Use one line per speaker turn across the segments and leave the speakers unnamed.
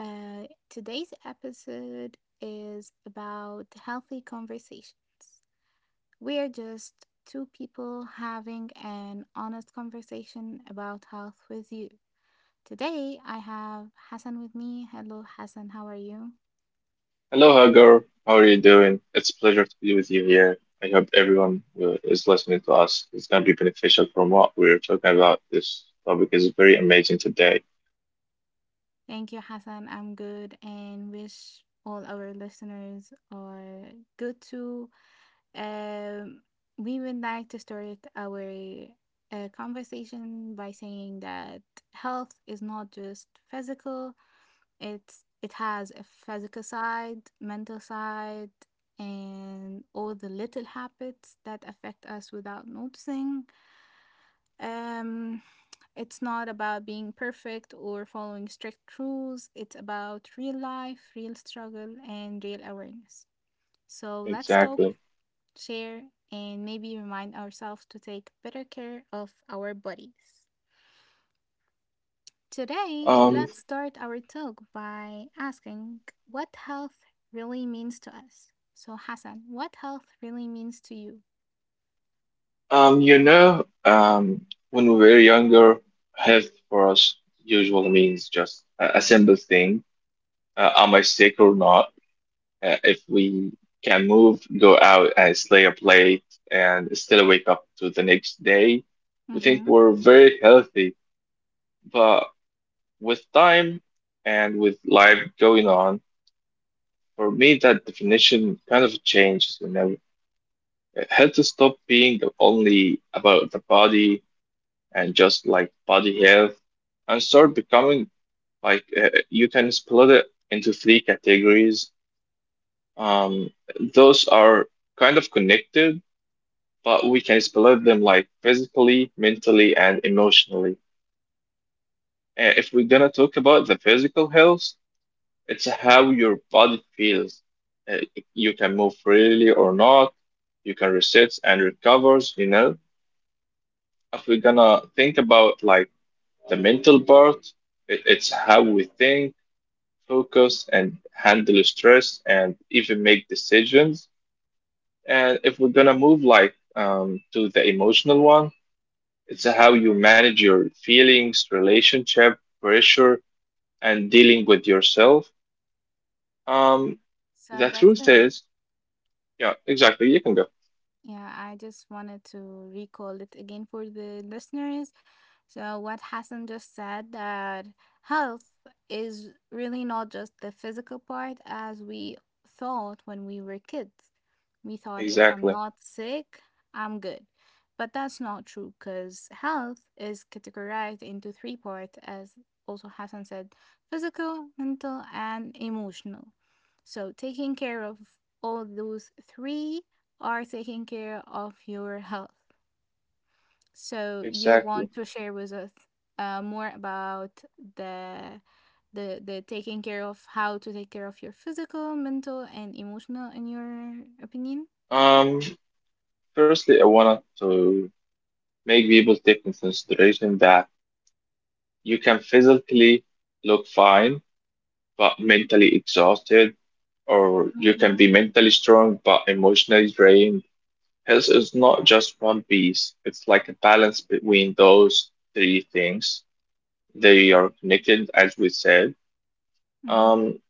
Today's episode is about healthy conversations. We are just two people having an honest conversation about health with you. Today, I have Hassan with me. Hello, Hassan, how are you?
Hello, Hagar. How are you doing? It's a pleasure to be with you here. I hope everyone who is listening to us is going to be beneficial from what we're talking about. This topic is very amazing today.
Thank you, Hassan. I'm good and wish all our listeners are good too. Um, we would like to start our conversation by saying that health is not just physical. It has a physical side, mental side, and all the little habits that affect us without noticing. Um, it's not about being perfect or following strict rules. It's about real life, real struggle, and real awareness. So let's talk,
Exactly.
share, and maybe remind ourselves to take better care of our bodies. Today,
Um,
let's start our talk by asking what health really means to us. So, Hassan, what health really means to you?
um, you know, um, when we were younger, health for us usually means just a simple thing. Am I sick or not? If we can move, go out and slay a plate and still wake up to the next day, we think
Mm-hmm.
we're very healthy. But with time and with life going on, for me, that definition kind of changes whenever it had to stop being the only about the body and just like body health and start becoming like you can split it into three categories. Um, those are kind of connected, but we can split them like physically, mentally, and emotionally. If we're gonna talk about the physical health, it's how your body feels. Uh, You can move freely or not. You can reset and recovers, you know. If we're gonna think about like the mental part, it's how we think, focus, and handle stress, and even make decisions. And if we're gonna move like to the emotional one, it's how you manage your feelings, relationship, pressure, and dealing with yourself. Um,
So,
the
that's
truth
it.
is. Yeah, exactly. You can go.
Yeah, I just wanted to recall it again for the listeners. So, what Hassan just said, that health is really not just the physical part as we thought when we were kids. We thought if I'm
Exactly.
not sick, I'm good. But that's not true, because health is categorized into three parts, as also Hassan said, physical, mental, and emotional. So, taking care of all those three are taking care of your health. So you want
Exactly.
to share with us more about the the taking care of how to take care of your physical, mental, and emotional, in your opinion?
Um, firstly, I wanted to make people take into consideration that you can physically look fine, but mentally exhausted, or you can
Mm-hmm.
be mentally strong, but emotionally drained. Health is
Yes.
not just one piece. It's like a balance between those three things. They are connected, as we said.
Mm-hmm.
Um,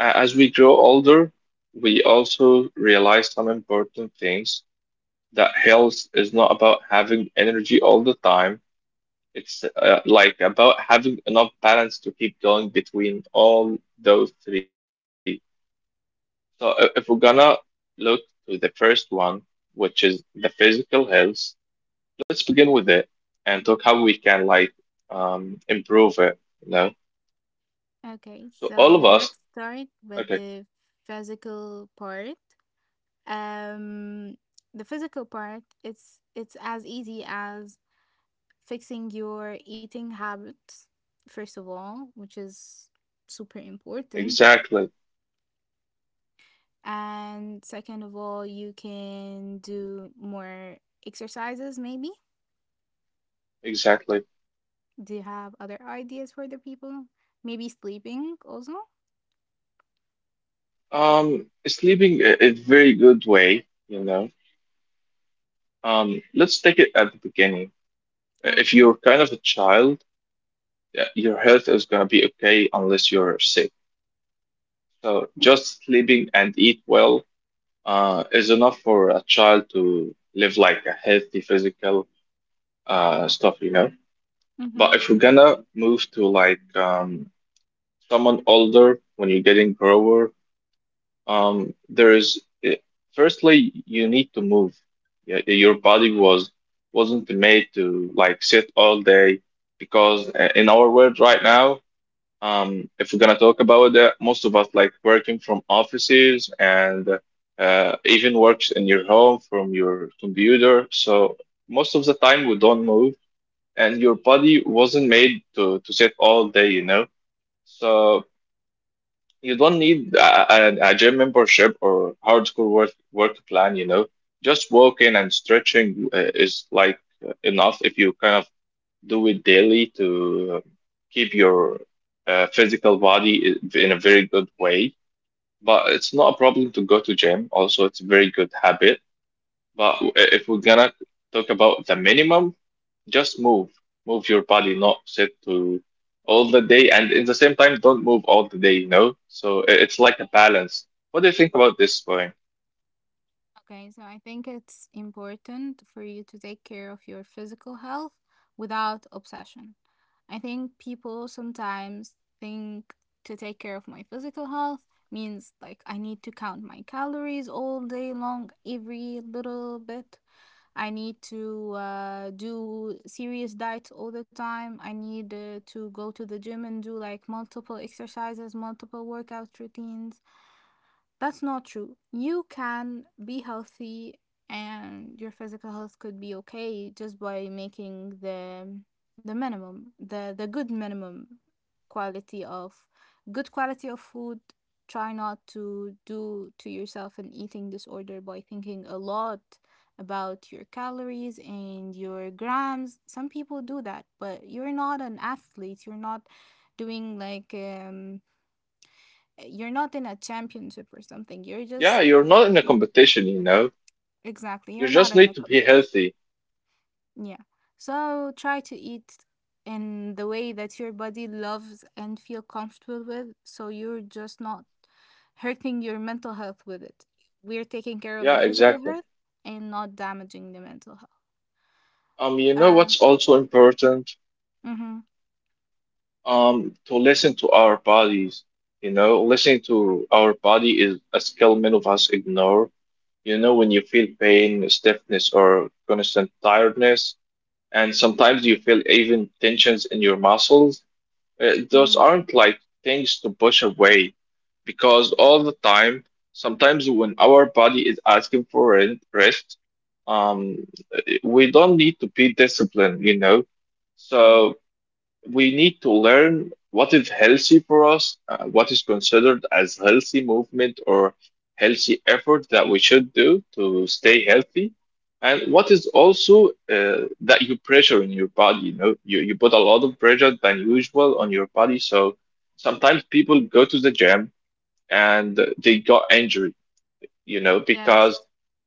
as we grow older, we also realize some important things that health is not about having energy all the time. It's like about having enough balance to keep going between all those three. So if we're gonna look to the first one, which is the physical health, let's begin with it and talk how we can like improve it. You know,
Okay,
so all of
so
us.
let's start with
Okay,
the physical part. Um, the physical part, it's as easy as fixing your eating habits, first of all, which is super important.
exactly,
And second of all, you can do more exercises, maybe.
exactly.
Do you have other ideas for the people? Maybe sleeping also?
Sleeping is very good way. You know, let's take it at the beginning. If you're
Okay.
kind of a child, yeah, your health is gonna be okay unless you're sick. So just sleeping and eat well is enough for a child to live like a healthy physical stuff, you know. But
Mm-hmm.
if we're gonna move to like someone older when you're getting grower, there is firstly you need to move. Yeah, eh, your body wasn't made to like sit all day because in our world right now. If we're gonna talk about that, most of us like working from offices and even works in your home from your computer. So most of the time we don't move, and your body wasn't made to sit all day, you know. So you don't need a gym membership or hardcore work plan, you know. Just walking and stretching is like enough if you kind of do it daily to keep your physical body in a very good way. But it's not a problem to go to gym. Also, it's a very good habit. But if we're gonna talk about the minimum, just move, move your body, not sit to all the day, and in the same time, don't move all the day. You know, so it's like a balance. What do you think about this point?
Okay, so I think it's important for you to take care of your physical health without obsession. I think people sometimes think to take care of my physical health means like I need to count my calories all day long, every little bit. I need to do serious diets all the time. I need to go to the gym and do like multiple exercises, multiple workout routines. That's not true. You can be healthy and your physical health could be okay just by making the minimum, the good minimum quality of good quality of food. Try not to do to yourself an eating disorder by thinking a lot about your calories and your grams. Some people do that, but you're not an athlete. You're not doing like you're not in a championship or something. You're
Yeah,
just
you're not in a competition. You know,
exactly,
you
you're not
just
in a
need to be
competition.
healthy.
Yeah. So try to eat in the way that your body loves and feel comfortable with, so you're just not hurting your mental health with it. We're taking care of the
Yeah,
physical
exactly.
health and not damaging the mental health.
You know
Uh,
what's also important?
mhm,
Um, to listen to our bodies. You know, listening to our body is a skill many of us ignore. You know, when you feel pain, stiffness or constant tiredness, and sometimes you feel even tensions in your muscles, those
mhm,
aren't like things to push away because all the time, sometimes when our body is asking for rest, um, we don't need to be disciplined, you know.
mhm.
So we need to learn what is healthy for us, what is considered as healthy movement or healthy effort that we should do to stay healthy, and what is also that you pressure in your body. You know, you put a lot of pressure than usual on your body. So sometimes people go to the gym and they got injured, you know,
Yes.
because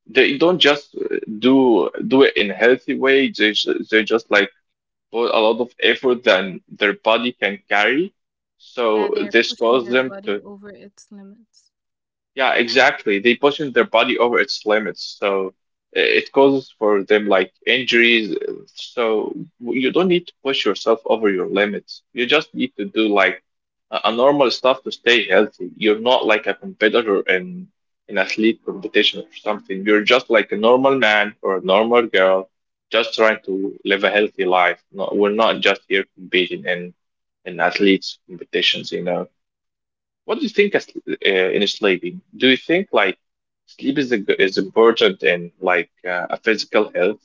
they don't just do it in healthy way. They just like put a lot of effort than their body can carry.
Yeah,
So
they're
this
pushing
caused
their
them
body
to,
over its limits.
yeah, exactly. They pushing their body over its limits, so it causes for them like injuries. Uh, so you don't need to push yourself over your limits. You just need to do like a normal stuff to stay healthy. You're not like a competitor in athlete competition or something. You're just like a normal man or a normal girl, just trying to live a healthy life. No, we're not just here competing in athletes competitions, you know. What do you think as, uh, in sleeping? Do you think like sleep is a, is important in like a physical health?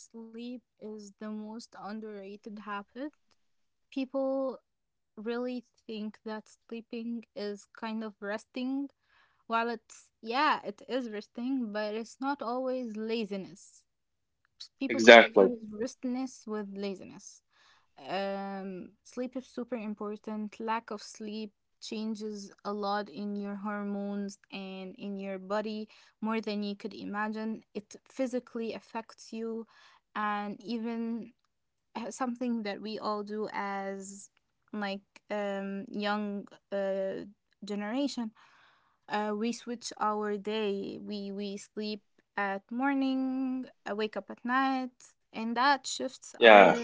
Sleep is the most underrated habit. People really think that sleeping is kind of resting. While it's, yeah, it is resting, but it's not always laziness. People
Exactly.
confuse restness with laziness. Sleep is super important. Lack of sleep changes a lot in your hormones and in your body more than you could imagine. It physically affects you, and even something that we all do as like young uh generation, we switch our day, we sleep at morning, wake up at night, and that shifts
Yeah.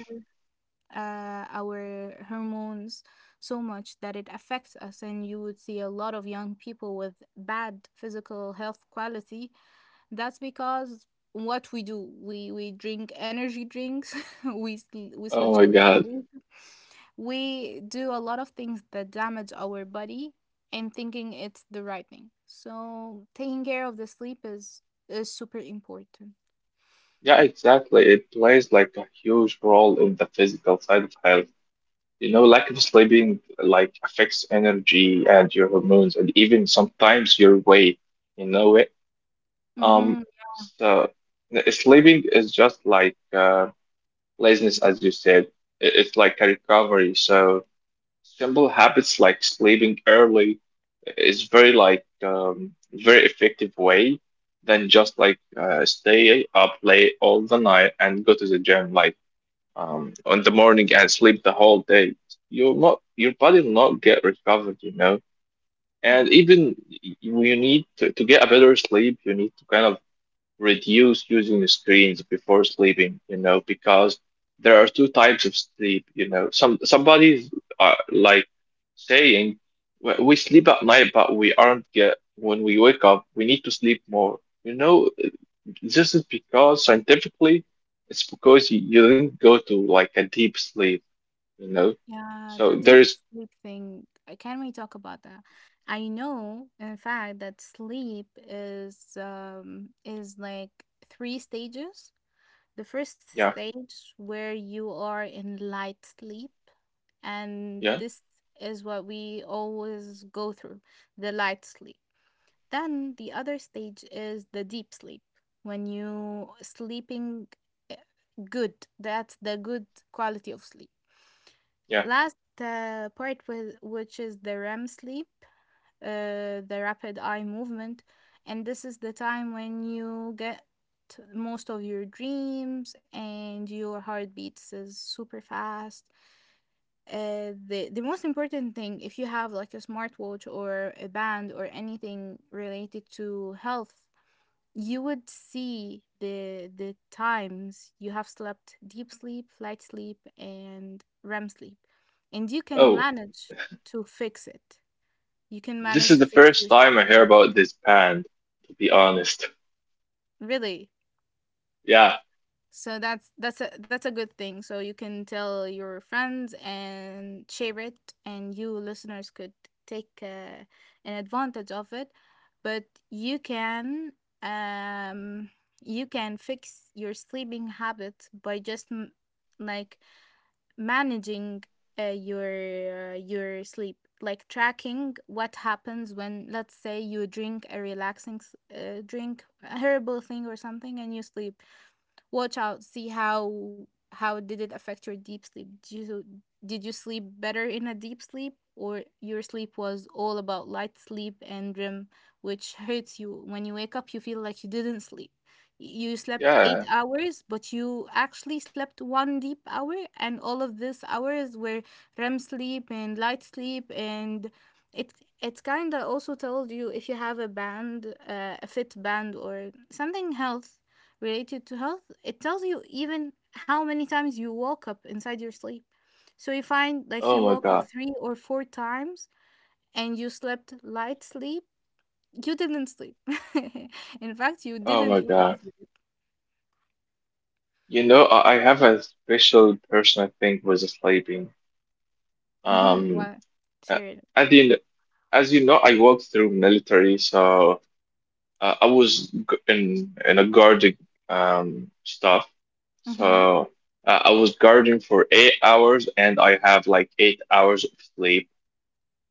our hormones so much that it affects us. And you would see a lot of young people with bad physical health quality. That's because what we do, we drink energy drinks, we
Oh
switch
my
our
God.
sleep, we do a lot of things that damage our body, and thinking it's the right thing. So taking care of the sleep is super important.
Yeah, exactly. It plays like a huge role in the physical side of health. You know, lack of sleeping like affects energy and your hormones and even sometimes your weight. You know it. Um,
Mm-hmm.
so sleeping is just like laziness, as you said. It's like a recovery. So simple habits like sleeping early is very like very effective way than just like stay up late all the night and go to the gym like on the morning and sleep the whole day. You'll not Your body will not get recovered, you know. And
Mm-hmm.
even you need to, get a better sleep, you need to kind of reduce using the screens before sleeping, you know, because there are two types of sleep, you know. Somebody's like saying, "Well, we sleep at night, but we aren't get when we wake up, we need to sleep more. You know, this is because scientifically, it's because you didn't go to like a deep sleep, you know."
Yeah,
So
the deep
there's
sleep thing. Can we talk about that? I know, in fact, that sleep is like three stages. The first
yeah,
stage where you are in light sleep, and
yeah,
this is what we always go through, the light sleep, then the other stage is the deep sleep, when you sleeping eh, good, that's the good quality of sleep.
yeah.
Last part with which is the rem sleep, the rapid eye movement. And this is the time when you get most of your dreams and your heartbeats is super fast. The most important thing, if you have like a smartwatch or a band or anything related to health, you would see the times you have slept deep sleep, light sleep, and REM sleep, and you can
oh,
manage to fix it. You can
this
manage
is
to
the
fix
first
your
time
sleep.
I hear about this band, to be honest.
Really?
Yeah.
So that's that's a good thing. So you can tell your friends and share it, and you listeners could take an advantage of it. But you can um you can fix your sleeping habits by just like managing your sleep, like tracking what happens when, let's say, you drink a relaxing drink, a herbal thing or something, and you sleep, watch out, see how did it affect your deep sleep. Did you sleep better in a deep sleep, or your sleep was all about light sleep and REM, which hurts you when you wake up, you feel like you didn't sleep. You slept
Yeah.
8 hours, but you actually slept one deep hour and all of these hours were REM sleep and light sleep, and it it's kind of also told you, if you have a band, a fit band or something health related to health, it tells you even how many times you woke up inside your sleep. So you find like you
Oh my
woke up
God.
three or four times and you slept light sleep. You didn't sleep. In fact, you
Oh my
didn't even
God.
sleep.
You know, I have a special person I think was sleeping.
Mm-hmm.
Um,
Why?
a-
Sure.
as you know, I worked through military, so I was in a guarding stuff.
Mm-hmm.
So I was guarding for 8 hours, and I have like 8 hours of sleep.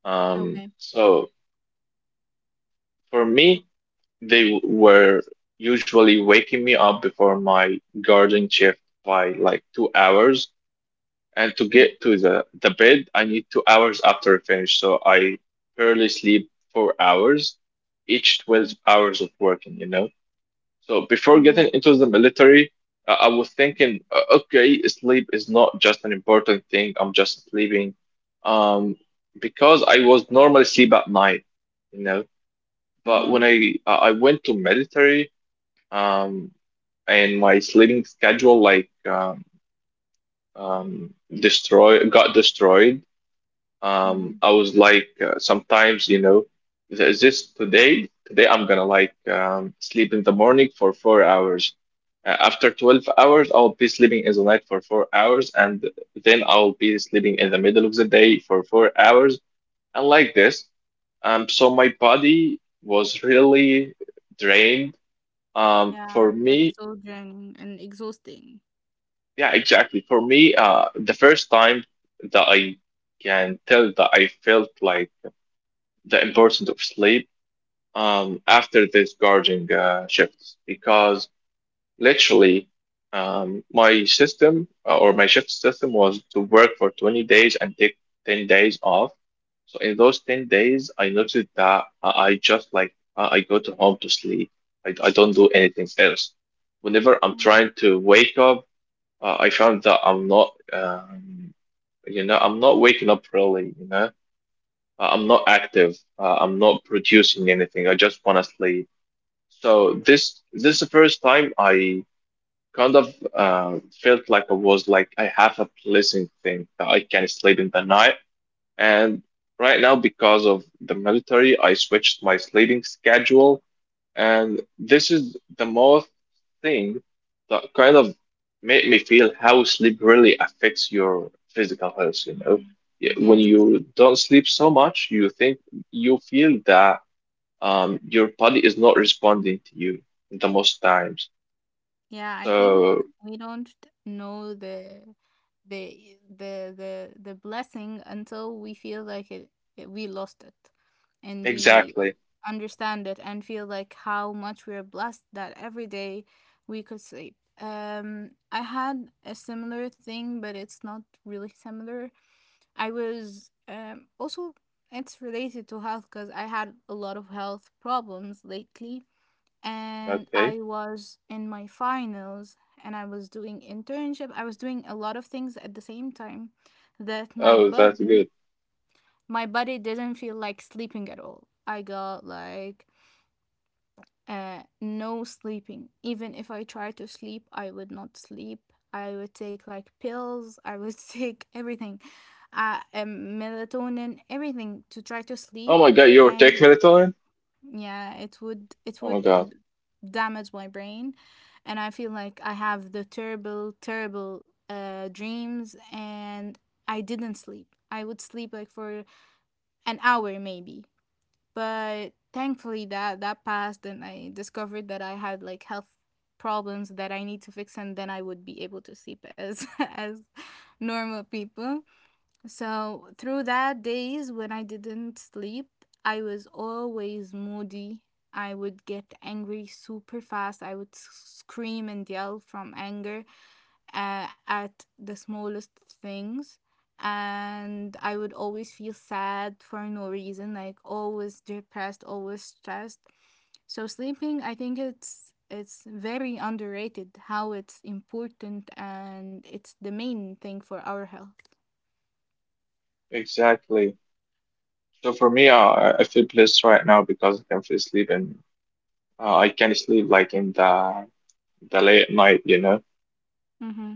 Okay.
So for me, they were usually waking me up before my guarding shift by like 2 hours, and to get to the bed I need 2 hours after I finish, so I barely sleep 4 hours each 12
Mm-hmm.
hours of working, you know. So before getting
Mm-hmm.
into the military, I was thinking okay, sleep is not just an important thing, I'm just sleeping, um, because I was normally sleep at night, you know. But when I went to military, um and my sleeping schedule like um, um destroy got destroyed,
Mm-hmm.
I was like sometimes, you know, is this today? Today I'm gonna like sleep in the morning for 4 hours. After 12 hours, I'll be sleeping in the night for 4 hours, and then I'll be sleeping in the middle of the day for 4 hours, and like this. So my body was really drained. For
Yeah,
me,
that's so draining and exhausting.
yeah, exactly. For me, the first time that I can tell that I felt like the importance of sleep after this guarding shifts because literally my system or my shift system was to work for 20 days and take 10 days off. So in those 10 days, I noticed that I just like I go to home to sleep. I don't do anything else. Whenever I'm
Mhm.
trying to wake up, I found that I'm not, you know, I'm not waking up really, you know, I'm not active. I'm not producing anything. I just want to sleep. So this is the first time I kind of felt like I was like I have a pleasant thing that I can sleep in the night. And right now, because of the military, I switched my sleeping schedule. And this is the most thing that kind of made me feel how sleep really affects your physical health, you know. Yeah, when
Yes.
you don't sleep so much, you think you feel that your body is not responding to you the most times.
Yeah, I think
So
we don't know the blessing until we feel like it we lost it, and we
exactly.
understand it and feel like how much we're blessed that every day we could sleep. I had a similar thing, but it's not really similar. I was also, it's related to health, because I had a lot of health problems lately, and
Okay.
I was in my finals, and I was doing internship. I was doing a lot of things at the same time that my
Oh, that's good.
body didn't feel like sleeping at all. I got like no sleeping. Even if I tried to sleep, I would not sleep. I would take like pills, I would take everything. Melatonin, everything to try to
Oh my
sleep,
God, you're take
and
melatonin?
yeah, it
Oh my
would
God.
b- damage my brain, and I feel like I have the terrible dreams, and I didn't sleep, I would sleep like for an hour maybe. But thankfully that that passed, and I discovered that I had like health problems that I need to fix, and then I would be able to sleep as as normal people. So through that days when I didn't sleep, I was always moody. I would get angry super fast. I would scream and yell from anger at the smallest things. And I would always feel sad for no reason, like always depressed, always stressed. So sleeping, I think it's very underrated how it's important, and it's the main thing for our health.
Exactly. So for me, I feel blessed right now because I can feel sleep in. I can sleep like in the late night.
Mm-hmm.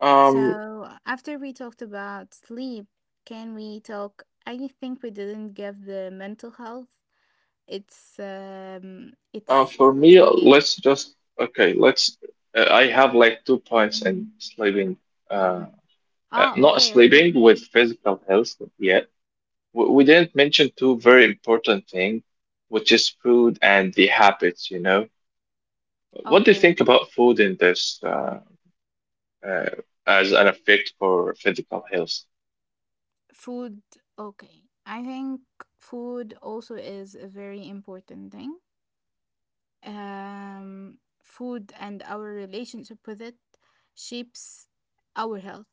Um,
So, after we talked about sleep, can we talk? I think we didn't give the mental health its
for me,
space.
let's just okay. Let's. I have like 2 points in sleeping. Uh,
Ah,
Not
okay,
sleeping with physical health yet. We didn't mention two very important thing, which is food and the habits. You know, what do you think
okay.
about food in this uh, as an effect for physical health?
Food, okay. I think food also is a very important thing. Um, Food and our relationship with it shapes our health.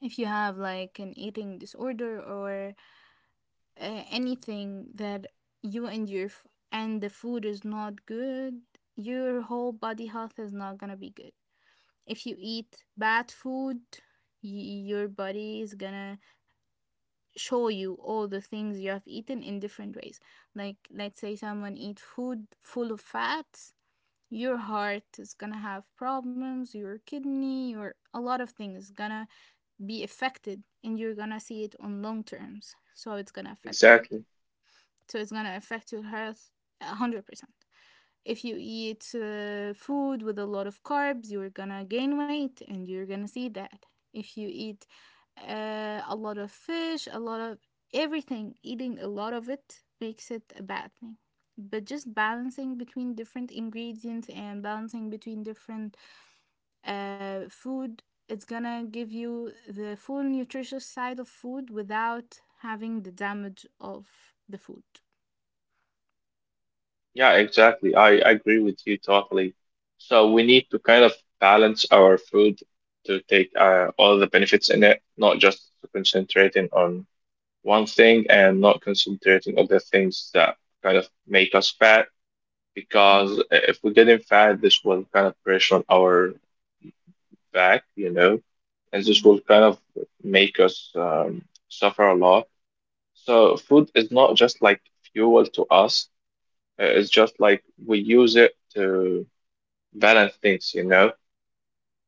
If you have like an eating disorder, or anything that you and your f- and the food is not good, your whole body health is not gonna be good. If you eat bad food, your body is gonna show you all the things you have eaten in different ways. Like let's say someone eat food full of fats, your heart is gonna have problems, your kidney, your a lot of things gonna be affected, and you're gonna see it on long terms. So it's gonna affect your,
Exactly.
so it's going to affect your health 100% if you eat food with a lot of carbs. You're going to gain weight and you're going to see that. If you eat a lot of fish, a lot of everything, eating a lot of it makes it a bad thing. But just balancing between different ingredients and balancing between different food, it's gonna give you the full nutritious side of food without having the damage of the food.
Yeah, exactly. I agree with you totally. So we need to kind of balance our food to take all the benefits in it, not just concentrating on one thing and not concentrating on the things that kind of make us fat.
Mm-hmm.
Because if we're getting fat, this will kind of pressure on our back, you know, and this
hmm
will kind of make us suffer a lot. So food is not just like fuel to us. It's just like we use it to balance things, you know.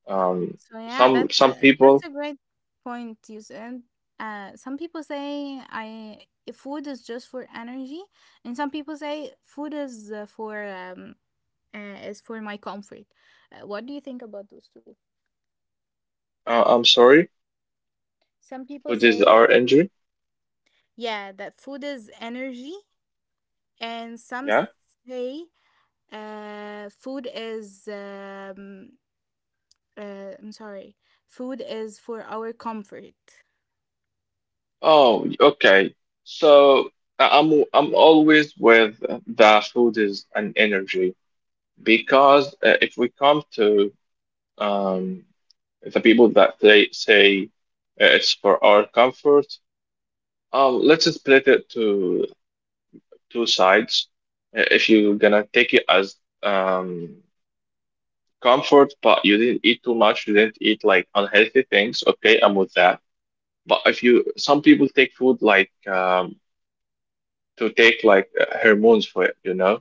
Um,
So yeah,
some
that's that's
people,
a great point you said. Some people say I if food is just for energy, and some people say food is for is for my comfort. What do you think about those two?
I'm sorry
Some people
for this
say
our injury.
yeah that food is energy, and some
Yeah.
say food is I'm sorry, food is for our comfort.
Oh, okay. So I'm always with the food is an energy because if we come to um the people that they say it's for our comfort, let's split it to two sides. If you're gonna take it as um comfort, but you didn't eat too much. You didn't eat like unhealthy things. Okay, I'm with that. But if you, some people take food like to take like hormones for it, you know.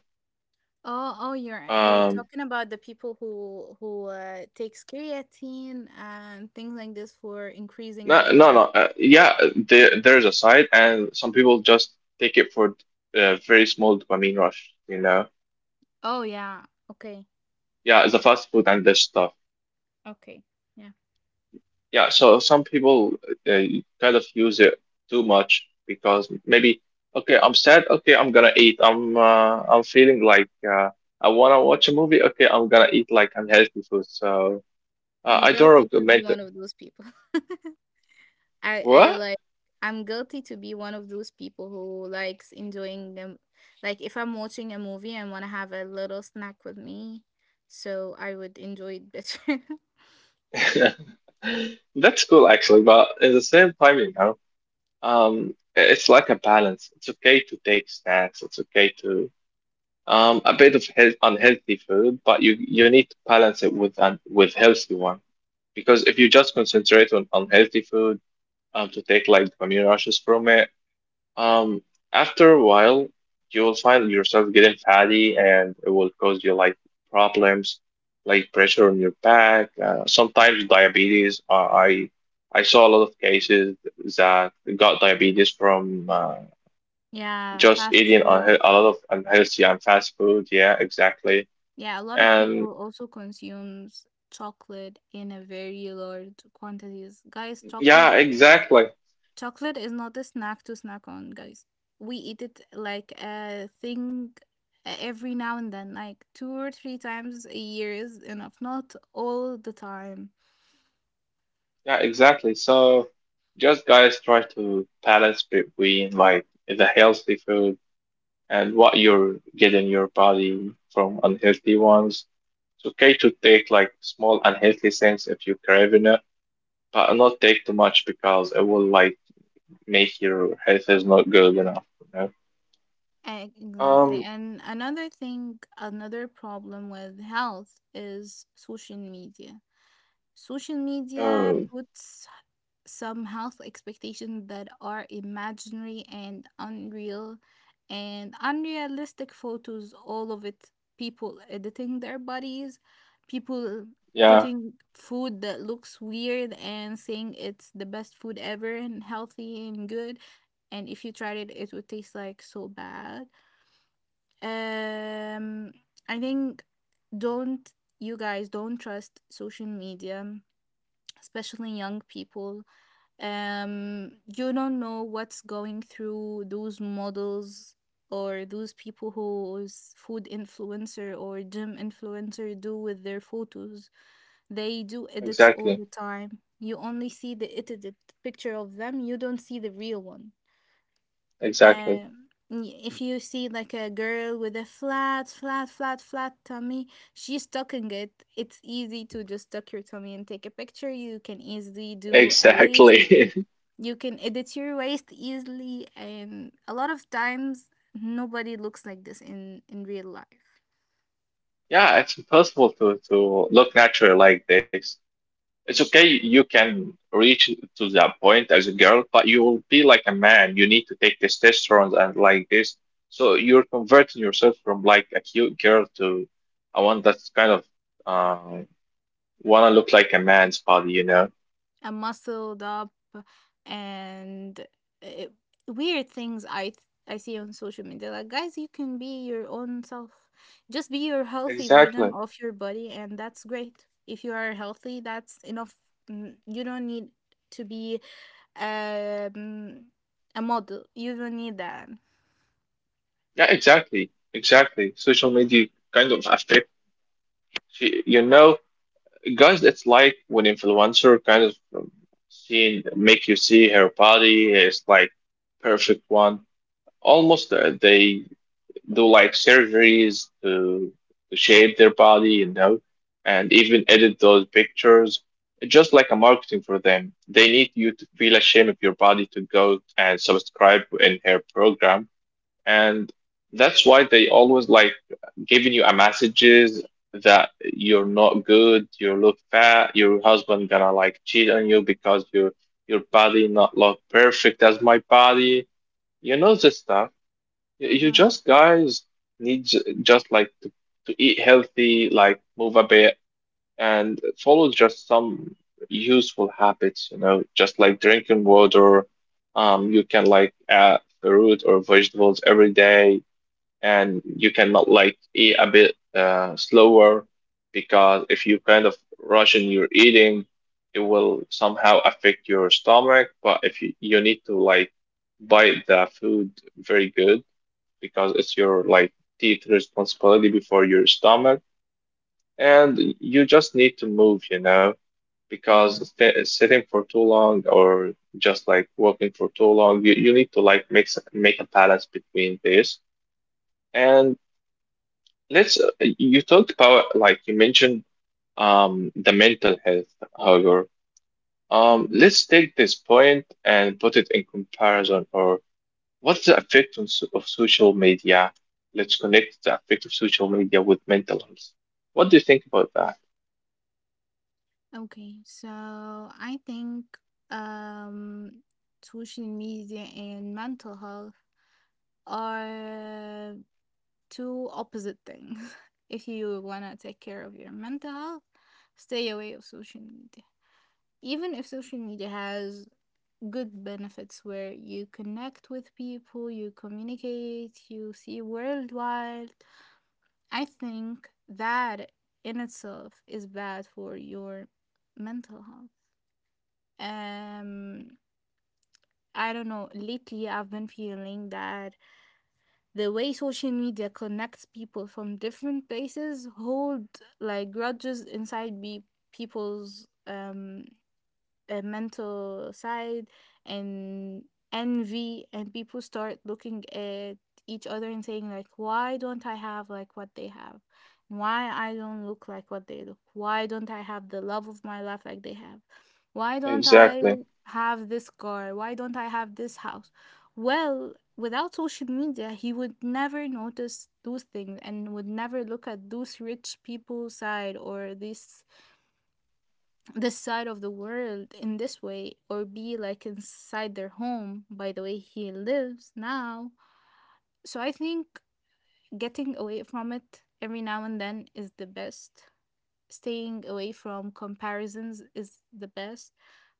Oh, oh, you're
Um,
talking about the people who takes creatine and things like this for increasing
no, no,
their.
no. Yeah, there's a side, and some people just take it for a very small dopamine rush, you know.
Oh yeah. Okay.
Yeah, the fast food and this stuff.
Okay. Yeah.
Yeah, so some people they kind of use it too much because maybe okay, I'm sad, okay, I'm gonna eat. I'm feeling like I wanna watch a movie, okay, I'm gonna eat like unhealthy food. So
I'm
I don't
guilty to be
recommend it.
one of those people. I I
What?
like I'm guilty to be one of those people who likes enjoying them. Like if I'm watching a movie and want to have a little snack with me, so I would enjoy it better.
That's cool actually, but at the same time, you know, it's like a balance. It's okay to take snacks. It's okay to a bit of health, unhealthy food, but you need to balance it with un with healthy one. Because if you just concentrate on unhealthy food to take like dopamine rushes from it, um, after a while you will find yourself getting fatty and it will cause you like problems like pressure on your back, sometimes diabetes. I saw a lot of cases that got diabetes from
Yeah,
just
fast
eating
food.
a lot of unhealthy and fast food. Yeah, exactly.
Yeah, a lot of
And
people also consumes chocolate in a very large quantities. Guys,
yeah,
chocolate
exactly.
chocolate is not a snack to snack on, guys. We eat it like a thing every now and then, like two or three times a year is enough, not all the time.
Yeah, exactly. So just guys try to balance between like the healthy food and what you're getting your body from unhealthy ones. It's okay to take like small unhealthy things if you're craving it, but not take too much because it will like make your health is not good enough, you know?
Exactly.
Um,
And another thing, another problem with health is social media. Social media
uh,
puts some health expectations that are imaginary and unreal, and unrealistic photos all of it, people editing their bodies, people
yeah,
putting food that looks weird and saying it's the best food ever and healthy and good, and if you tried it it would taste like so bad. Um i think don't, you guys don't trust social media, especially young people. um you don't know what's going through those models or those people whose food influencer or gym influencer do with their photos. They do edits all
exactly.
the time. You only see the edited picture of them, you don't see the real one.
Exactly.
If you see like a girl with a flat tummy, she's tucking it. It's easy to just tuck your tummy and take a picture. You can easily do a waist,
Exactly.
you can edit your waist easily, and a lot of times nobody looks like this in real life.
Yeah, it's impossible to look natural like this. It's okay, you can reach to that point as a girl, but you will be like a man. You need to take testosterone and like this. So you're converting yourself from like a cute girl to a one that's kind of uh, wanna look like a man's body, you know?
Muscled up and uh, weird things I see on social media. Like guys, you can be your own self. Just be your healthy version
Exactly.
of your body, and that's great. If you are healthy, that's enough. You don't need to be um, a model. You don't need that.
Yeah, exactly. Exactly. Social media kind of affect you know, guys, it's like when influencer kind of seeing make you see her body is like perfect one almost they do like surgeries to shape their body, you know, and even edit those pictures. It's just like a marketing for them. They need you to feel ashamed of your body to go and subscribe in her program, and that's why they always like giving you a messages that you're not good, you look fat, your husband gonna like cheat on you because your body not look perfect as my body, you know this stuff. You
Mm-hmm.
just guys need just like to eat healthy, like move a bit and follow just some useful habits, you know, just like drinking water. You can like add fruit or vegetables every day, and you cannot like eat a bit slower because if you kind of rush in your eating, it will somehow affect your stomach. But if you, you need to like bite the food very good because it's your like teeth responsibility before your stomach and you just need to move you know because
Mm-hmm.
sitting for too long or just like walking for too long you need to like make make a balance between this and let's you talked about like you mentioned the mental health however
Mm-hmm.
let's take this point and put it in comparison or what's the effect on, of social media? Let's connect the effect of social media with mental health. What do you think about that?
Okay, so I think um, social media and mental health are two opposite things. If you wanna take care of your mental health, stay away of social media. Even if social media has good benefits where you connect with people, you communicate, you see worldwide, I think that in itself is bad for your mental health. Um I don't know, lately I've been feeling that the way social media connects people from different places hold like grudges inside be people's mental side, and envy, and people start looking at each other and saying like, why don't I have like what they have, why I don't look like what they look, why don't I have the love of my life like they have, why don't I
Exactly.
have this car, why don't I have this house. Well, without social media he would never notice those things and would never look at those rich people side, or this side of the world in this way, or be like inside their home by the way he lives now. So I think getting away from it every now and then is the best. Staying away from comparisons is the best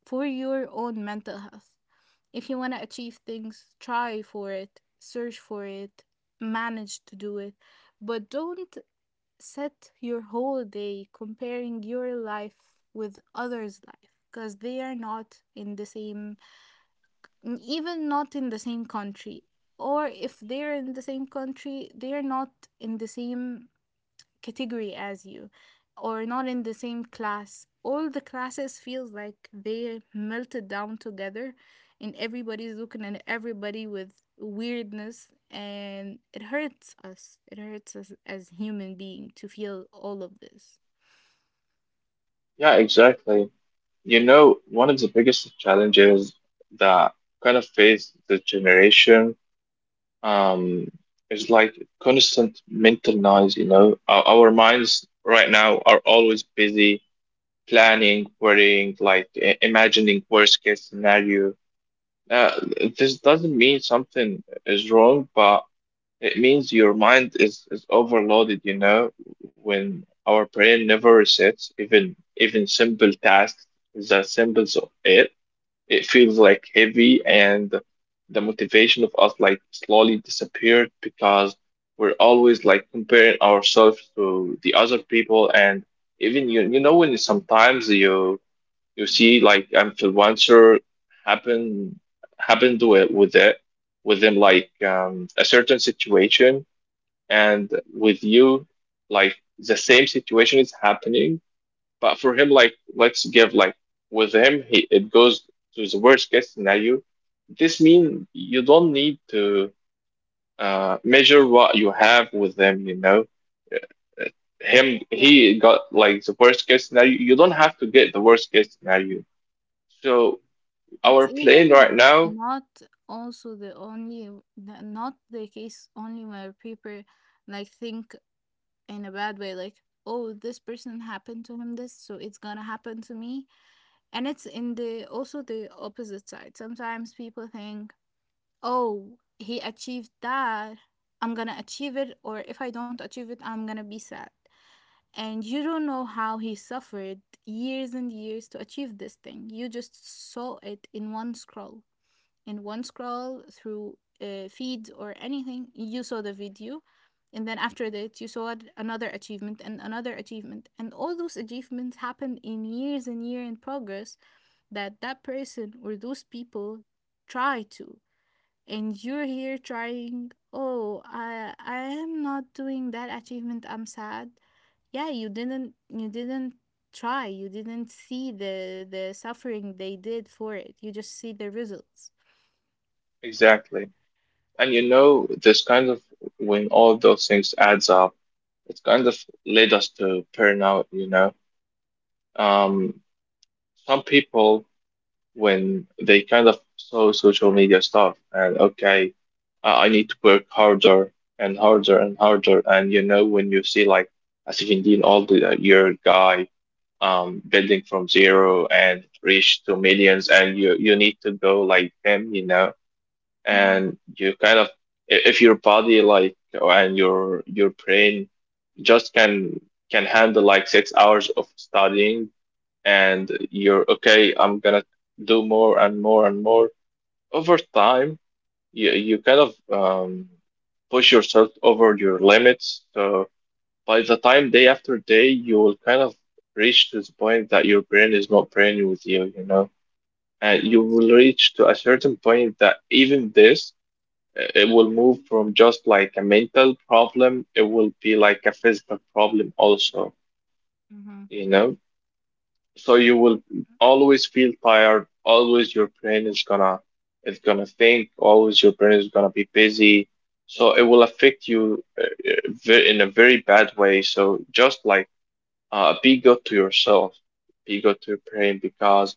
for your own mental health. If you want to achieve things, try for it, search for it, manage to do it, but don't set your whole day comparing your life with others' life, because they are not in the same, even not in the same country. Or if they're in the same country, they are not in the same category as you, or not in the same class. All the classes feels like they melted down together, and everybody's looking at everybody with weirdness, and it hurts us, it hurts us as human being to feel all of this.
Yeah, exactly. You know, one of the biggest challenges that kind of face the generation um, is like constant mental noise, you know. Our minds right now are always busy planning, worrying, like imagining worst case scenario. Uh, this doesn't mean something is wrong, but it means your mind is overloaded, you know, when our brain never resets, even simple tasks, the symbols of it, it feels like heavy and the motivation of us like slowly disappeared because we're always like comparing ourselves to the other people. And even you you know when sometimes you you see like influencer happen happened with it with them like a certain situation and with you like the same situation is happening but for him like let's give like with him he it goes to the worst case scenario. This means you don't need to measure what you have with them, you know. Uh, Him he
Yeah.
got like the worst case scenario, you don't have to get the worst case scenario, so our
It's
plan right
even
now
not also not the case only where people like think in a bad way, like, oh, this person happened to him this, so it's gonna happen to me. And it's in the also the opposite side. Sometimes people think, oh, he achieved that, I'm gonna achieve it, or if I don't achieve it I'm gonna be sad. And you don't know how he suffered years and years to achieve this thing. You just saw it in one scroll, in one scroll through feeds or anything. You saw the video, and then after that you saw another achievement and another achievement, and all those achievements happened in years and year in progress that that person or those people try to. And you're here trying, oh, I am not doing that achievement, I'm sad. Yeah, you didn't try, you didn't see the suffering they did for it, you just see the results.
exactly. And you know this kind of when all those things adds up, it's kind of led us to burnout, you know. Um, some people, when they kind of saw social media stuff and okay, I need to work harder and harder and harder. And you know, when you see like a 17 old year guy building from zero and reach to millions, and you need to go like them, you know,
Mm-hmm.
and you kind of if your body like and your brain just can handle like 6 hours of studying and you're okay I'm gonna do more and more and more over time you kind of push yourself over your limits so by the time day after day you will kind of reach to this point that your brain is not praying with you you know. And you
Yes.
will reach to a certain point that even this it will move from just like a mental problem it will be like a physical problem also
Mm-hmm.
you know. So you will always feel tired always your brain is gonna think always your brain is gonna be busy so it will affect you in a very bad way. So just like be good to yourself, be good to your brain because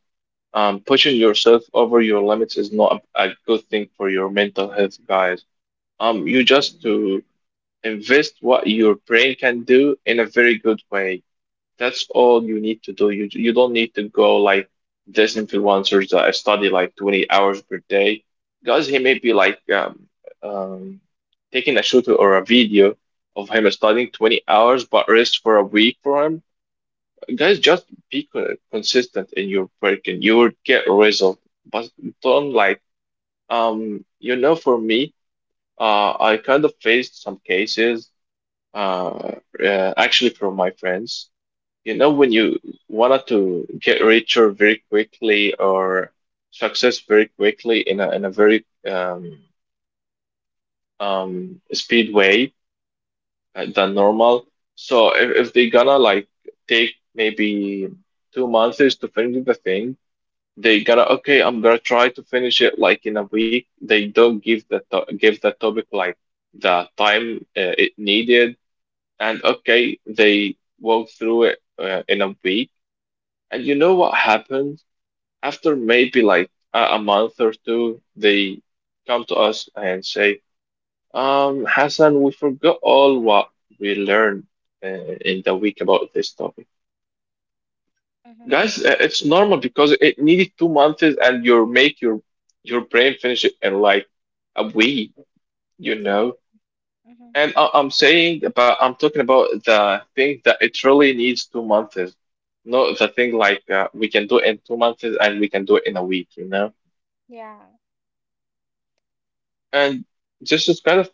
pushing yourself over your limits is not a good thing for your mental health guys. You just to invest what your brain can do in a very good way, that's all you need to do. You don't need to go like this influencers that I study like 20 hours per day because he may be like um, taking a shoot or a video of him studying 20 hours but rest for a week for him. Guys, just be consistent in your work and you will get a result. But don't like you know for me I kind of faced some cases uh, actually from my friends, you know, when you wanted to get richer very quickly or success very quickly in a very speed way than normal. So if they gonna like take maybe 2 months to finish the thing, they gonna okay, I'm gonna try to finish it like in a week. They don't give the to give the topic like the time it needed, and okay, they walk through it in a week. And you know what happens? After maybe like a month or two, they come to us and say, Hassan, we forgot all what we learned uh, in the week about this topic. Guys, it's normal because it needed 2 months and you make your brain finish it in like a week, you know?
Exactly. Mm-hmm.
And I'm saying about, I'm talking about the thing that it really needs 2 months. Not the thing like we can do in 2 months and we can do it in a week, you know?
Yeah.
And just is kind of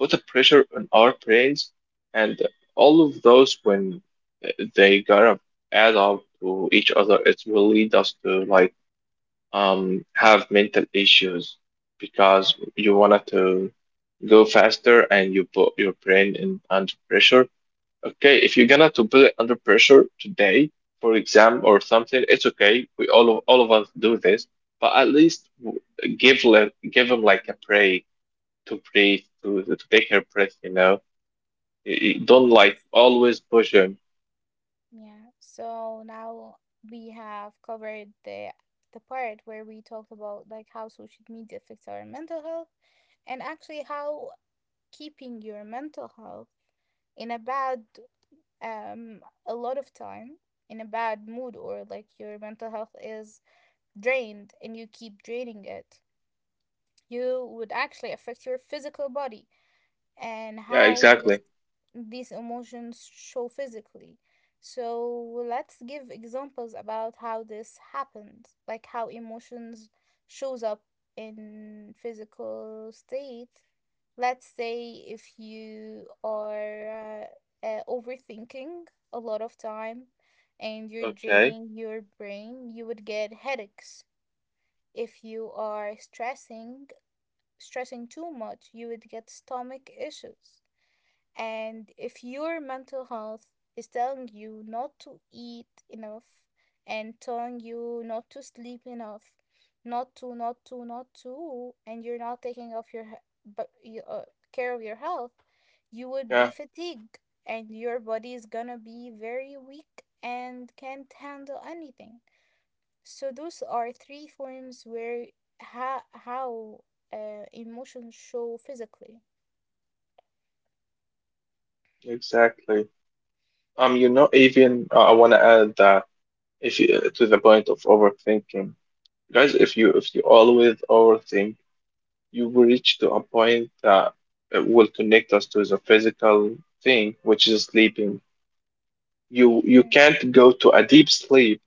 put a pressure on our brains, and all of those when they gotta add up to each other, it will lead us to like have mental issues because you wanted to go faster and you put your brain in under pressure. Okay, if you're gonna to put it under pressure today for exam or something, it's okay. We all of us do this, but at least give give them like a break to breathe, to take a breath, you know. Don't
Okay.
like always push him.
Yeah. So now we have covered the part where we talked about like how social media affects our mental health, and actually how keeping your mental health in a bad um a lot of time in a bad mood, or like your mental health is drained and you keep draining it, you would actually affect your physical body and
Yeah,
how
exactly.
this these emotions show physically. So let's give examples about how this happens, like how emotions shows up in physical state. Let's say if you are overthinking a lot of time and you're
Okay.
draining your brain, you would get headaches. If you are stressing, too much, you would get stomach issues. And if your mental health is telling you not to eat enough and telling you not to sleep enough, not to, not to, not to, and you're not taking off your but you, uh, care of your health, you would be
Yeah,
fatigued and your body is gonna be very weak and can't handle anything. So those are three forms where how emotions show physically.
exactly. Even I want to add that if to the point of overthinking, guys, if you always overthink, you will reach to a point that will connect us to the physical thing, which is sleeping. You
Mm-hmm.
can't go to a deep sleep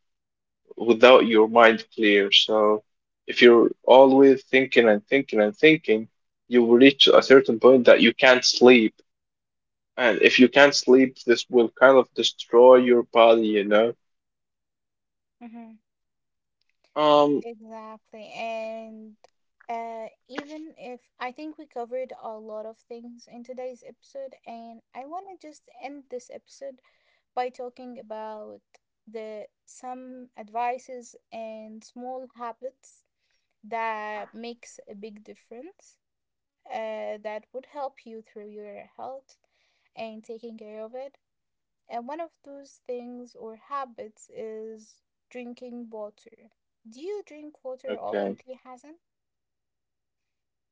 without your mind clear. So if you're always thinking and thinking and thinking, you will reach a certain point that you can't sleep. And if you can't sleep, this will kind of destroy your body, you know? Um,
Exactly. And even if I think we covered a lot of things in today's episode, and I want to just end this episode by talking about the some advices and small habits that makes a big difference, that would help you through your health and taking care of it. And one of those things or habits is drinking water. Do you drink water
okay.
oftenly, Hassan?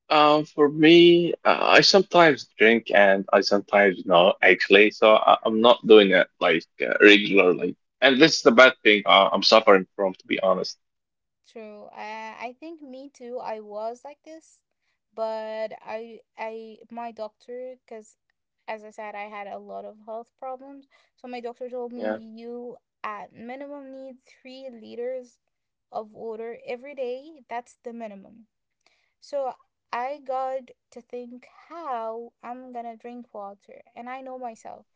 For me, I sometimes drink and I sometimes not actually. So I'm not doing it like regularly. And this is the bad thing I'm suffering from, to be honest.
True. I think me too. I was like this, but my doctor, because as I said, I had a lot of health problems. So my doctor told me
Yeah,
you at minimum need 3 liters of water every day. That's the minimum. So I got to think how I'm gonna drink water, and I know myself.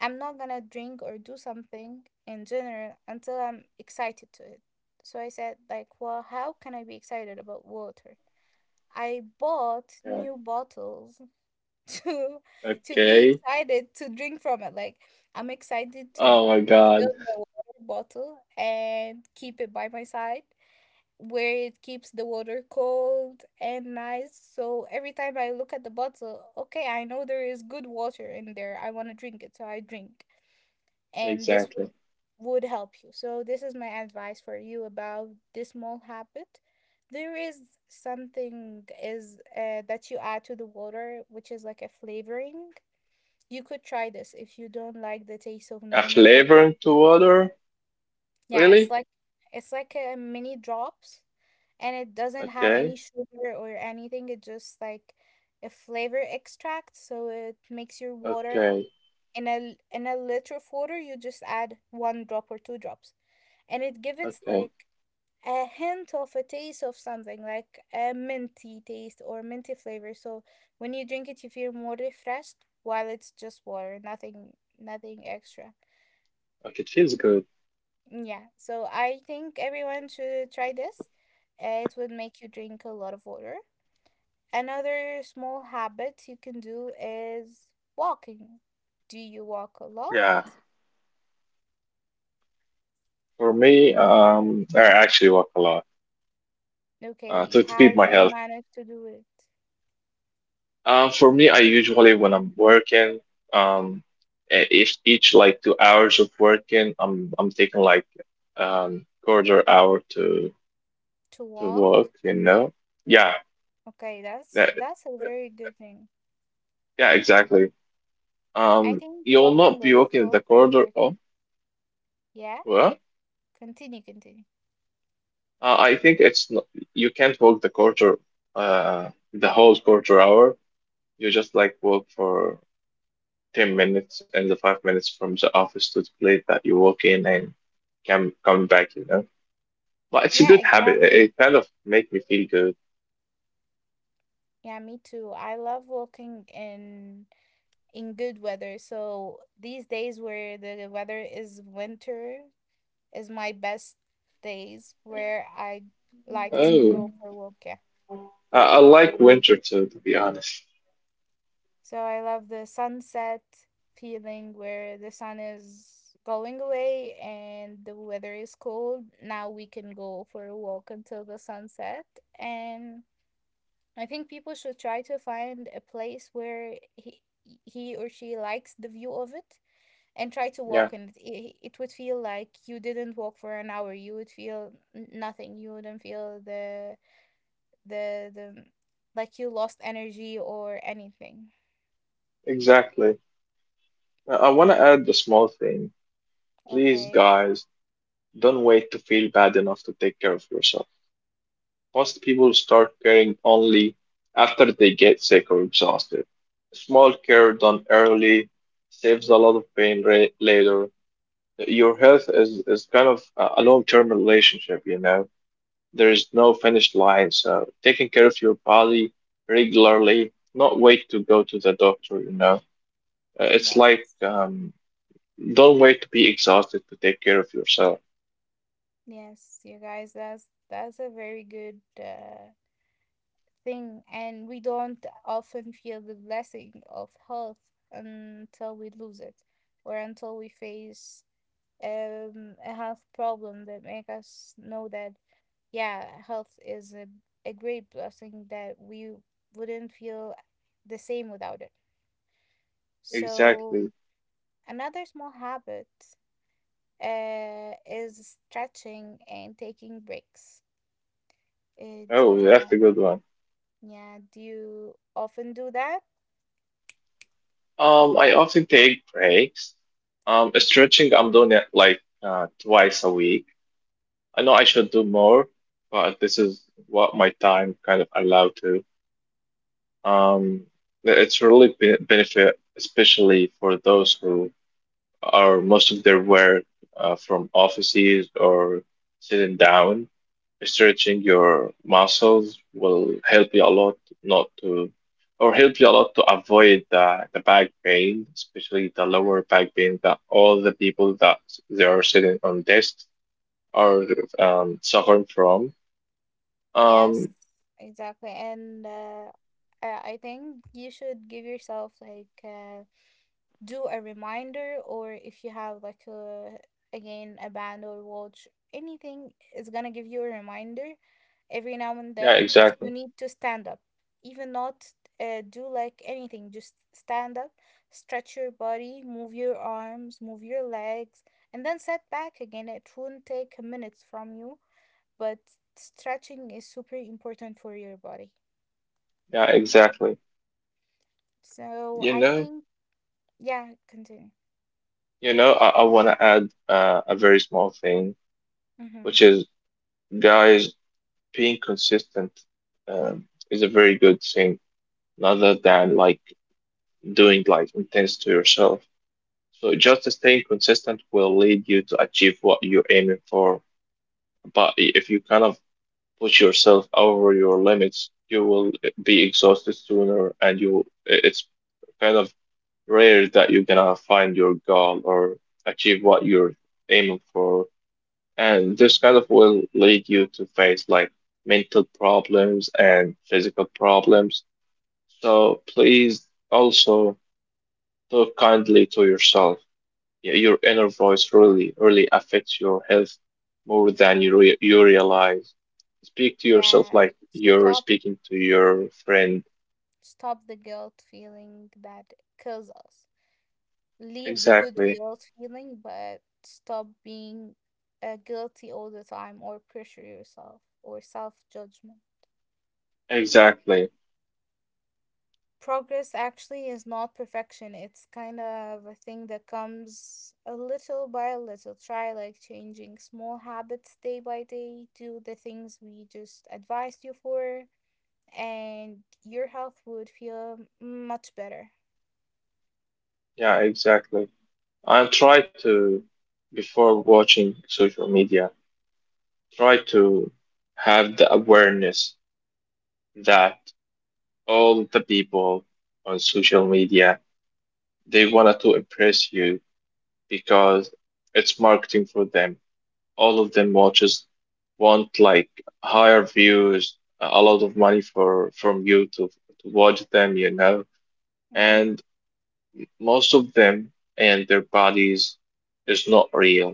I'm not gonna drink or do something in general until I'm excited to it. So I said, like, well, how can I be excited about water? I bought
yeah.
new bottles to to be
Okay.
excited to drink from it. Like, I'm excited to
Oh my God.
fill the water bottle and keep it by my side where it keeps the water cold and nice. So every time I look at the bottle, okay, I know there is good water in there. I want to drink it, so I drink. And this
Exactly.
would help you. So this is my advice for you about this small habit. There is something is that you add to the water, which is like a flavoring. You could try this if you don't like the taste of
A
normal water.
flavor to water?
Yeah, it's
Really?
like, a mini drops, and it doesn't have
Okay,
any sugar or anything. It's just like a flavor extract, so it makes your water
okay,
in in a liter of water, you just add one drop or two drops, and it gives it
okay.
like a hint of a taste of something like a minty taste or minty flavor. So when you drink it, you feel more refreshed while it's just water, nothing extra.
Like it feels good.
Yeah, so I think everyone should try this. It would make you drink a lot of water. Another small habit you can do is walking. Do you walk a lot?
Yeah. For me, I actually walk a lot
Okay,
to
how
keep
do
my
you
health.
manage to do it?
For me, I usually when I'm working, um, each like 2 hours of working, I'm taking like quarter hour
To
to walk.
walk?
You know? Yeah.
Okay,
That,
that's a very good thing.
yeah. Exactly.
I think
You'll not
walking
be
is
walking the
super
corridor.
important.
Oh,
Yeah,
what?
continue.
I think it's not, You can't walk the quarter, the whole quarter hour. You just like walk for 10 minutes and the 5 minutes from the office to the place that you walk in and come back, you know. But it's a
Yeah,
good habit.
exactly.
It kind of make me feel good.
Yeah, me too. I love walking in good weather. So these days where the weather is winter, is my best days where I like to
Oh,
go for a walk. Yeah.
I like winter too, to be honest.
So I love the sunset feeling where the sun is going away and the weather is cold. Now we can go for a walk until the sunset. And I think people should try to find a place where he or she likes the view of it and try to
Yeah,
walk in it. It would feel like you didn't walk for an hour. You would feel nothing. You wouldn't feel the like you lost energy or anything.
exactly. I want to add a small thing. Please,
Okay.
guys, don't wait to feel bad enough to take care of yourself. Most people start caring only after they get sick or exhausted. Small care done early saves a lot of pain later. Your health is kind of a long-term relationship, you know. There is no finish line, so taking care of your body regularly, not wait to go to the doctor, you know. It's
Yes.
like don't wait to be exhausted to take care of yourself.
Yes, you guys, that's a very good thing, and we don't often feel the blessing of health until we lose it, or until we face a health problem that make us know that yeah, health is a great blessing that we wouldn't feel the same without it. So
Exactly.
another small habit is stretching and taking breaks.
Oh,
Yeah,
that's a good one.
yeah. Do you often do that?
I often take breaks. Stretching, I'm doing it like twice a week. I know I should do more, but this is what my time kind of allowed to. Um, it's really be benefit, especially for those who or most of their work from offices or sitting down. Stretching your muscles will help you a lot not to, or help you a lot to avoid the back pain, especially the lower back pain that all the people that they are sitting on desks are suffering from.
Yes,
Um,
exactly. And I I think you should give yourself like do a reminder, or if you have like a, again, a band or watch, anything is gonna give you a reminder every now and
yeah,
then that you
exactly.
need to stand up, even not do like anything, just stand up, stretch your body, move your arms, move your legs, and then set back again. It won't take a minute from you, but stretching is super important for your body.
Yeah, exactly.
So
You
I
know,
think, yeah, continue.
you know, I want to add a very small thing, which
Mm-hmm.
is guys being consistent um, is a very good thing rather than like doing like intense to yourself. So just staying consistent will lead you to achieve what you're aiming for. But if you kind of push yourself over your limits, you will be exhausted sooner, and it's kind of rare that you're gonna find your goal or achieve what you're aiming for. And this kind of will lead you to face like mental problems and physical problems. So please also talk kindly to yourself. Your inner voice really, really affects your health more than you realize. Speak to yourself
Yeah,
like you're
stop.
speaking to your friend.
Stop the guilt feeling that kills us. Leave the good
Exactly.
guilt feeling, but stop being guilty all the time, or pressure yourself, or self judgment.
Exactly.
Progress actually is not perfection. It's kind of a thing that comes a little by little. Try like changing small habits day by day. Do the things we just advised you for, and your health would feel much better.
Yeah, exactly. And try to, before watching social media, try to have the awareness that all the people on social media they wanted to impress you because it's marketing for them, all of them watches want like higher views, a lot of money for from you to watch them, you know. And
Mhm.
most of them and their bodies is not real.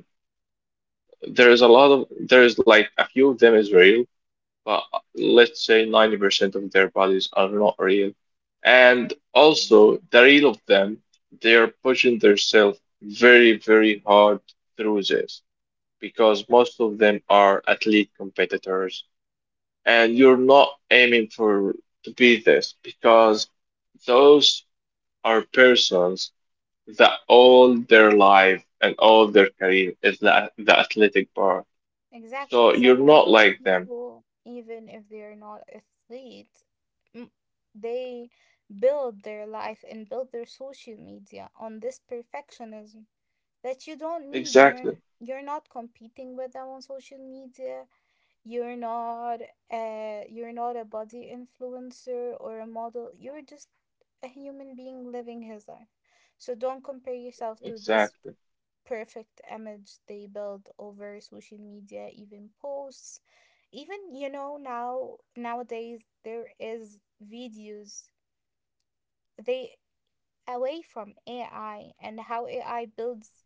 There is a lot of, there is like a few of them is real, but let's say 90% of their bodies are not real. And also, the real of them, they are pushing themselves very, very hard through this because most of them are athlete competitors, and you're not aiming for to be this because those are persons that all their life and all their career is the athletic part.
Exactly.
So you're
Some of
not
those
like them.
people, even if they're not athletes, m- they build their life and build their social media on this perfectionism that you don't need.
Exactly.
You're not competing with them on social media. You're not you're not a body influencer or a model. You're just a human being living his life. So don't compare yourself to this
Exactly.
perfect image they build over social media, even posts. Even, you know, now nowadays there is videos they away from AI, and how AI builds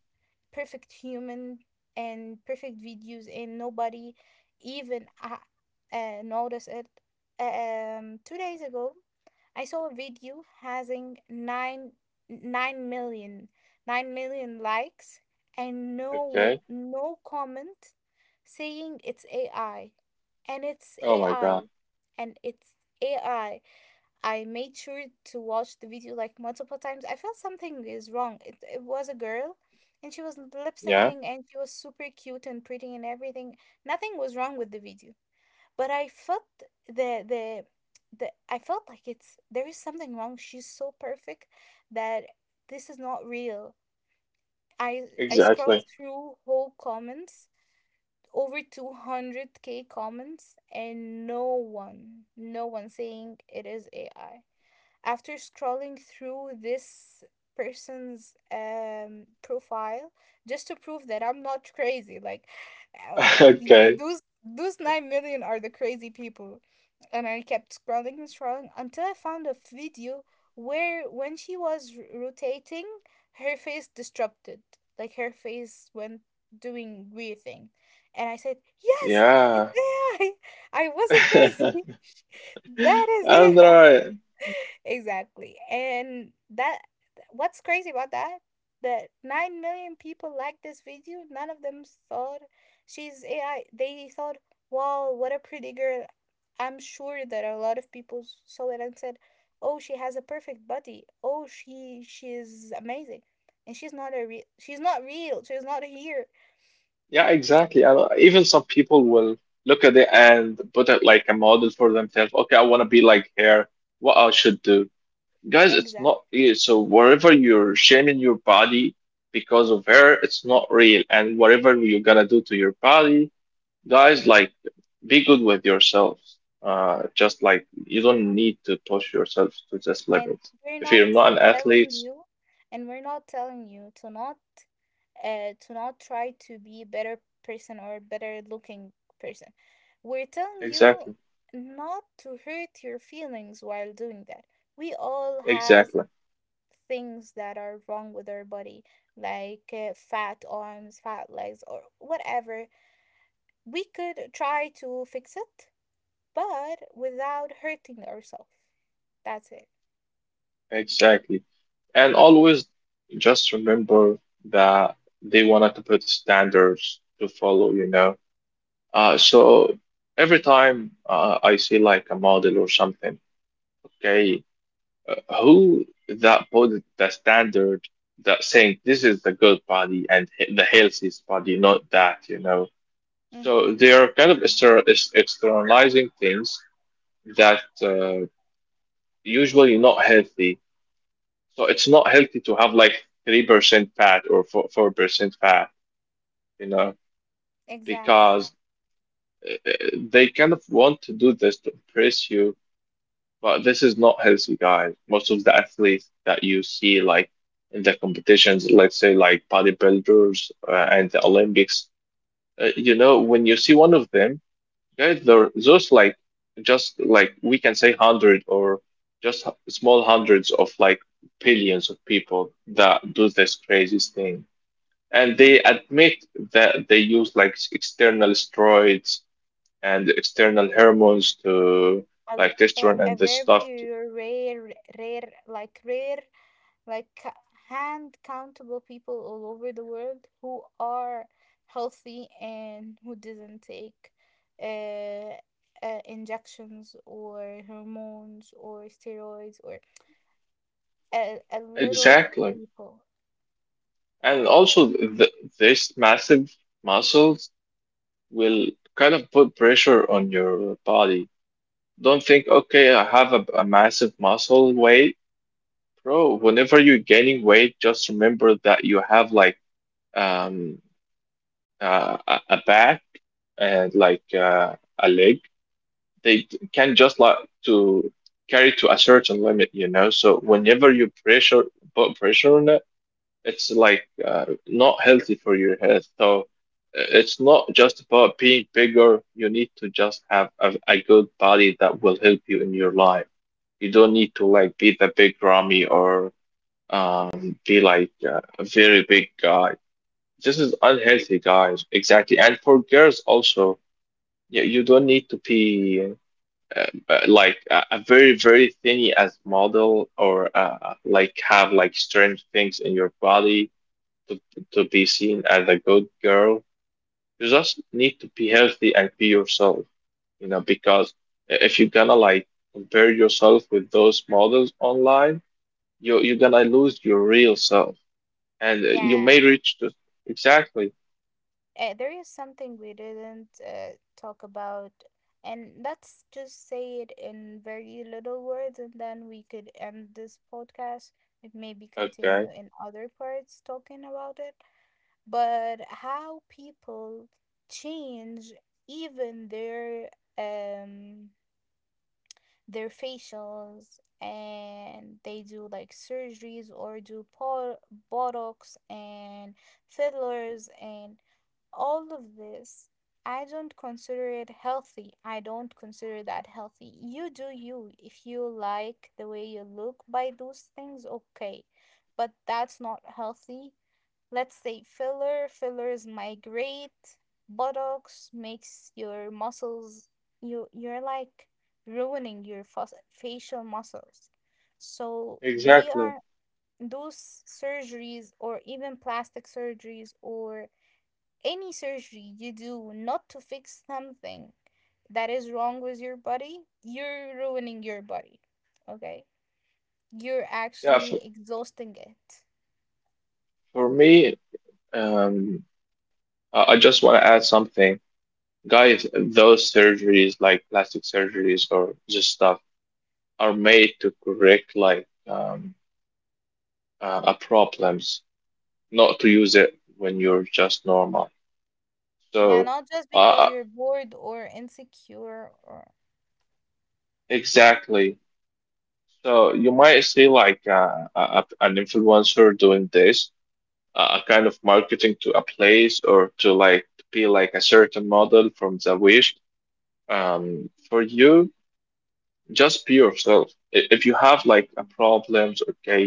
perfect human and perfect videos, and nobody even notice it. Two days ago, I saw a video having nine million nine million likes and no
Okay.
no comment saying it's AI, and it's
Oh my
AI,
God.
and it's AI. I made sure to watch the video like multiple times. I felt something is wrong. It was a girl, and she was lip
Yeah,
syncing, and she was super cute and pretty and everything. Nothing was wrong with the video, but I felt the the the I felt like it's there is something wrong. She's so perfect that this is not real. I I scrolled
exactly.
through whole comments, over 200k comments, and no one saying it is AI. After scrolling through this person's profile, just to prove that I'm not crazy, like uh,
Okay.
those 9 million are the crazy people, and I kept scrolling and scrolling until I found a video where, when she was rotating, her face disrupted, like her face went doing weird thing, and I said yes. It's
Yeah.
AI. I wasn't crazy. That is
And
it. Exactly. And that, what's crazy about that? That 9 million people liked this video. None of them thought she's AI. They thought, "Wow, what a pretty girl." I'm sure that a lot of people saw it and said, "Oh, she has a perfect body. Oh, she's amazing." And she's not a real. She's not real. She's not here.
yeah, exactly. And even some people will look at it and put it like a model for themselves. Okay, I want to be like her. What I should do. Guys, it's not
Exactly.
real. So wherever you're shaming your body because of her, it's not real. And whatever you're gonna do to your body. Guys, like, be good with yourselves. Just like you don't need to push yourself to this
and
limit.
we're
If
not
you're not an
telling
athlete,
you and we're not telling you to not try to be a better person, or a better looking person. We're telling you
exactly,
not to hurt your feelings while doing that. We all has
exactly,
things that are wrong with our body, like fat arms, fat legs, or whatever. We could try to fix it, but without hurting ourselves. That's it.
exactly. And always just remember that they wanted to put standards to follow, you know. So every time I see like a model or something, okay. Who that put the standard that saying this is the good body and the healthiest body, not that, you know. So
Mm-hmm.
they are kind of externalizing things that usually not healthy. So it's not healthy to have like 3% fat or 4% fat, you know,
Exactly.
because uh, uh, they kind of want to do this to impress you. But this is not healthy, guys. Most of the athletes that you see, like in the competitions, let's say like bodybuilders and the Olympics, you know, when you see one of them, guys, they're those like just like we can say hundred or just small hundreds of like billions of people that do this crazy thing, and
Mm-hmm.
they admit that they use like external steroids and external hormones to
a,
like
a
testosterone
a
and this stuff.
very rare, rare like rare like c- hand countable people all over the world who are healthy and who doesn't take uh, injections or hormones or steroids, or a little
Exactly.
people.
And also th these massive muscles will kind of put pressure on your body. Don't think, okay, I have a massive muscle weight. Bro, whenever you're gaining weight, just remember that you have like um a back and like a leg. They can just like to carry to a certain limit, you know. So whenever you pressure put pressure on it, it's like not healthy for your health. So it's not just about being bigger. You need to just have a good body that will help you in your life. You don't need to like be the big Rami or be like a very big guy. This is unhealthy, guys. Exactly. And for girls also, yeah, you don't need to be uh, like a very very thinny as model or like have like strange things in your body to, to be seen as a good girl. You just need to be healthy and be yourself, you know, because if you're gonna like compare yourself with those models online, you're gonna lose your real self, and you
Yeah.
may reach to exactly,
There is something we didn't talk about, and let's just say it in very little words, and then we could end this podcast and maybe continue
okay,
in other parts talking about it. But how people change even um their facials, and they do like surgeries, or do botox and fillers and all of this. I don't consider it healthy. I don't consider that healthy. You do you. If you like the way you look by those things, okay, but that's not healthy. Let's say filler, fillers migrate, buttocks makes your muscles, you're like ruining your facial muscles. So we
exactly.
are, those surgeries or even plastic surgeries or any surgery you do not to fix something that is wrong with your body, you're ruining your body. Okay, you're
Yeah,
actually exhausting it.
for me, um, I just want to add something. Guys, those surgeries like plastic surgeries or just stuff are made to correct like problems, not to use it when you're just normal.
Yeah,
So,
not just
uh,
because
uh,
you're bored or insecure or
exactly. So you might see like an influencer doing this, a kind of marketing to a place or to like be like a certain model from the wish. For you, just be yourself. If you have like a problems, okay,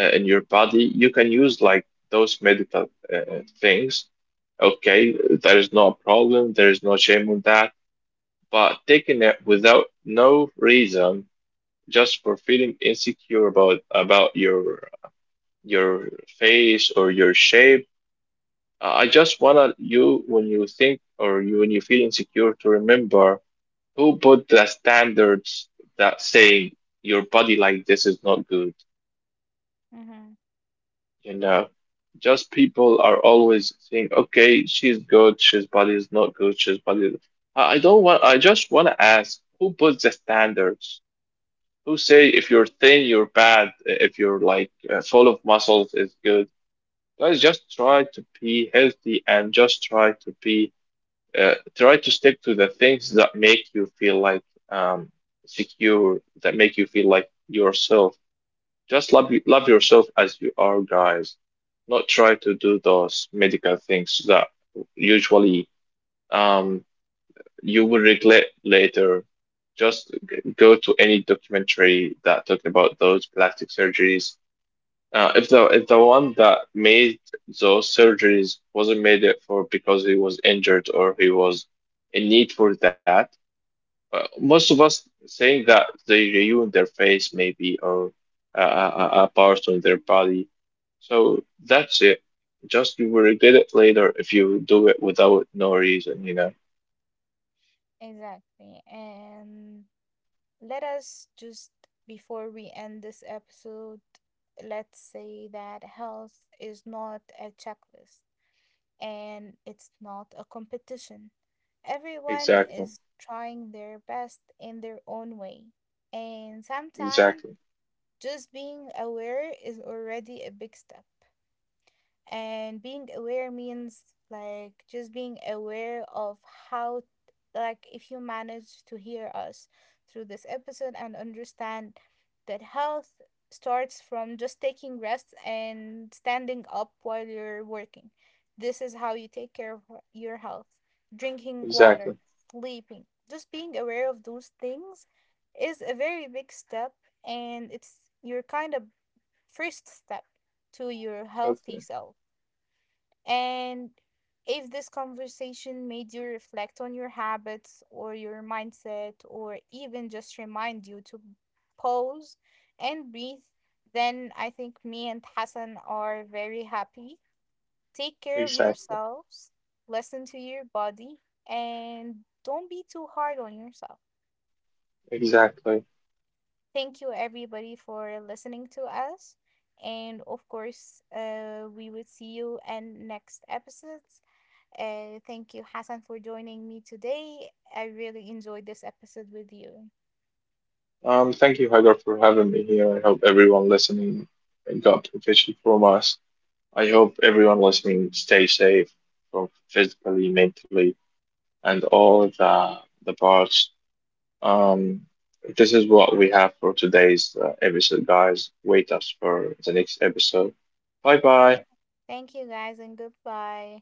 in your body, you can use like those medical things. Okay, there is no problem. There is no shame on that. But taking it without no reason, just for feeling insecure about your face or your shape, I just wanna you when you think or you when you feel insecure to remember who put the standards that saying your body like this is not good.
hmm,
You know, just people are always saying, okay, she's good, she's body is not good, she's body. I don't want. I just wanna ask who puts the standards. Who say if you're thin, you're bad, if you're like full of muscles, it's good. Guys, just try to be healthy and just try to be, try to stick to the things that make you feel like um, secure, that make you feel like yourself. Love yourself as you are, guys. Not try to do those medical things that usually. um, you will regret later. Just go to any documentary that talking about those plastic surgeries. If the one that made those surgeries wasn't made it for because he was injured or he was in need for that, most of us saying that they ruined their face maybe or a part on their body. So that's it. Just you will regret it later if you do it without no reason, you know.
exactly. And let us just, before we end this episode, let's say that health is not a checklist, and it's not a competition. Everyone
Exactly.
is trying their best in their own way. And sometimes
Exactly.
just being aware is already a big step. And being aware means like just being aware of how, like if you manage to hear us through this episode and understand that health starts from just taking rest and standing up while you're working, this is how you take care of your health. Drinking water,
Exactly.
sleeping, just being aware of those things is a very big step, and it's your kind of first step to your healthy
Okay.
self. And if this conversation made you reflect on your habits or your mindset, or even just remind you to pause and breathe, then I think me and Hassan are very happy. Take care of
Exactly.
yourselves, listen to your body, and don't be too hard on yourself.
Exactly.
Thank you, everybody, for listening to us. And of course, we will see you in next episodes. Thank you, Hassan, for joining me today. I really enjoyed this episode with you.
Thank you, Hagar, for having me here. I hope everyone listening got protection from us. I hope everyone listening stay safe both physically, mentally, and all the parts. Um, this is what we have for today's episode, guys. Wait us for the next episode. Bye
Thank,
bye.
thank you, guys, and goodbye.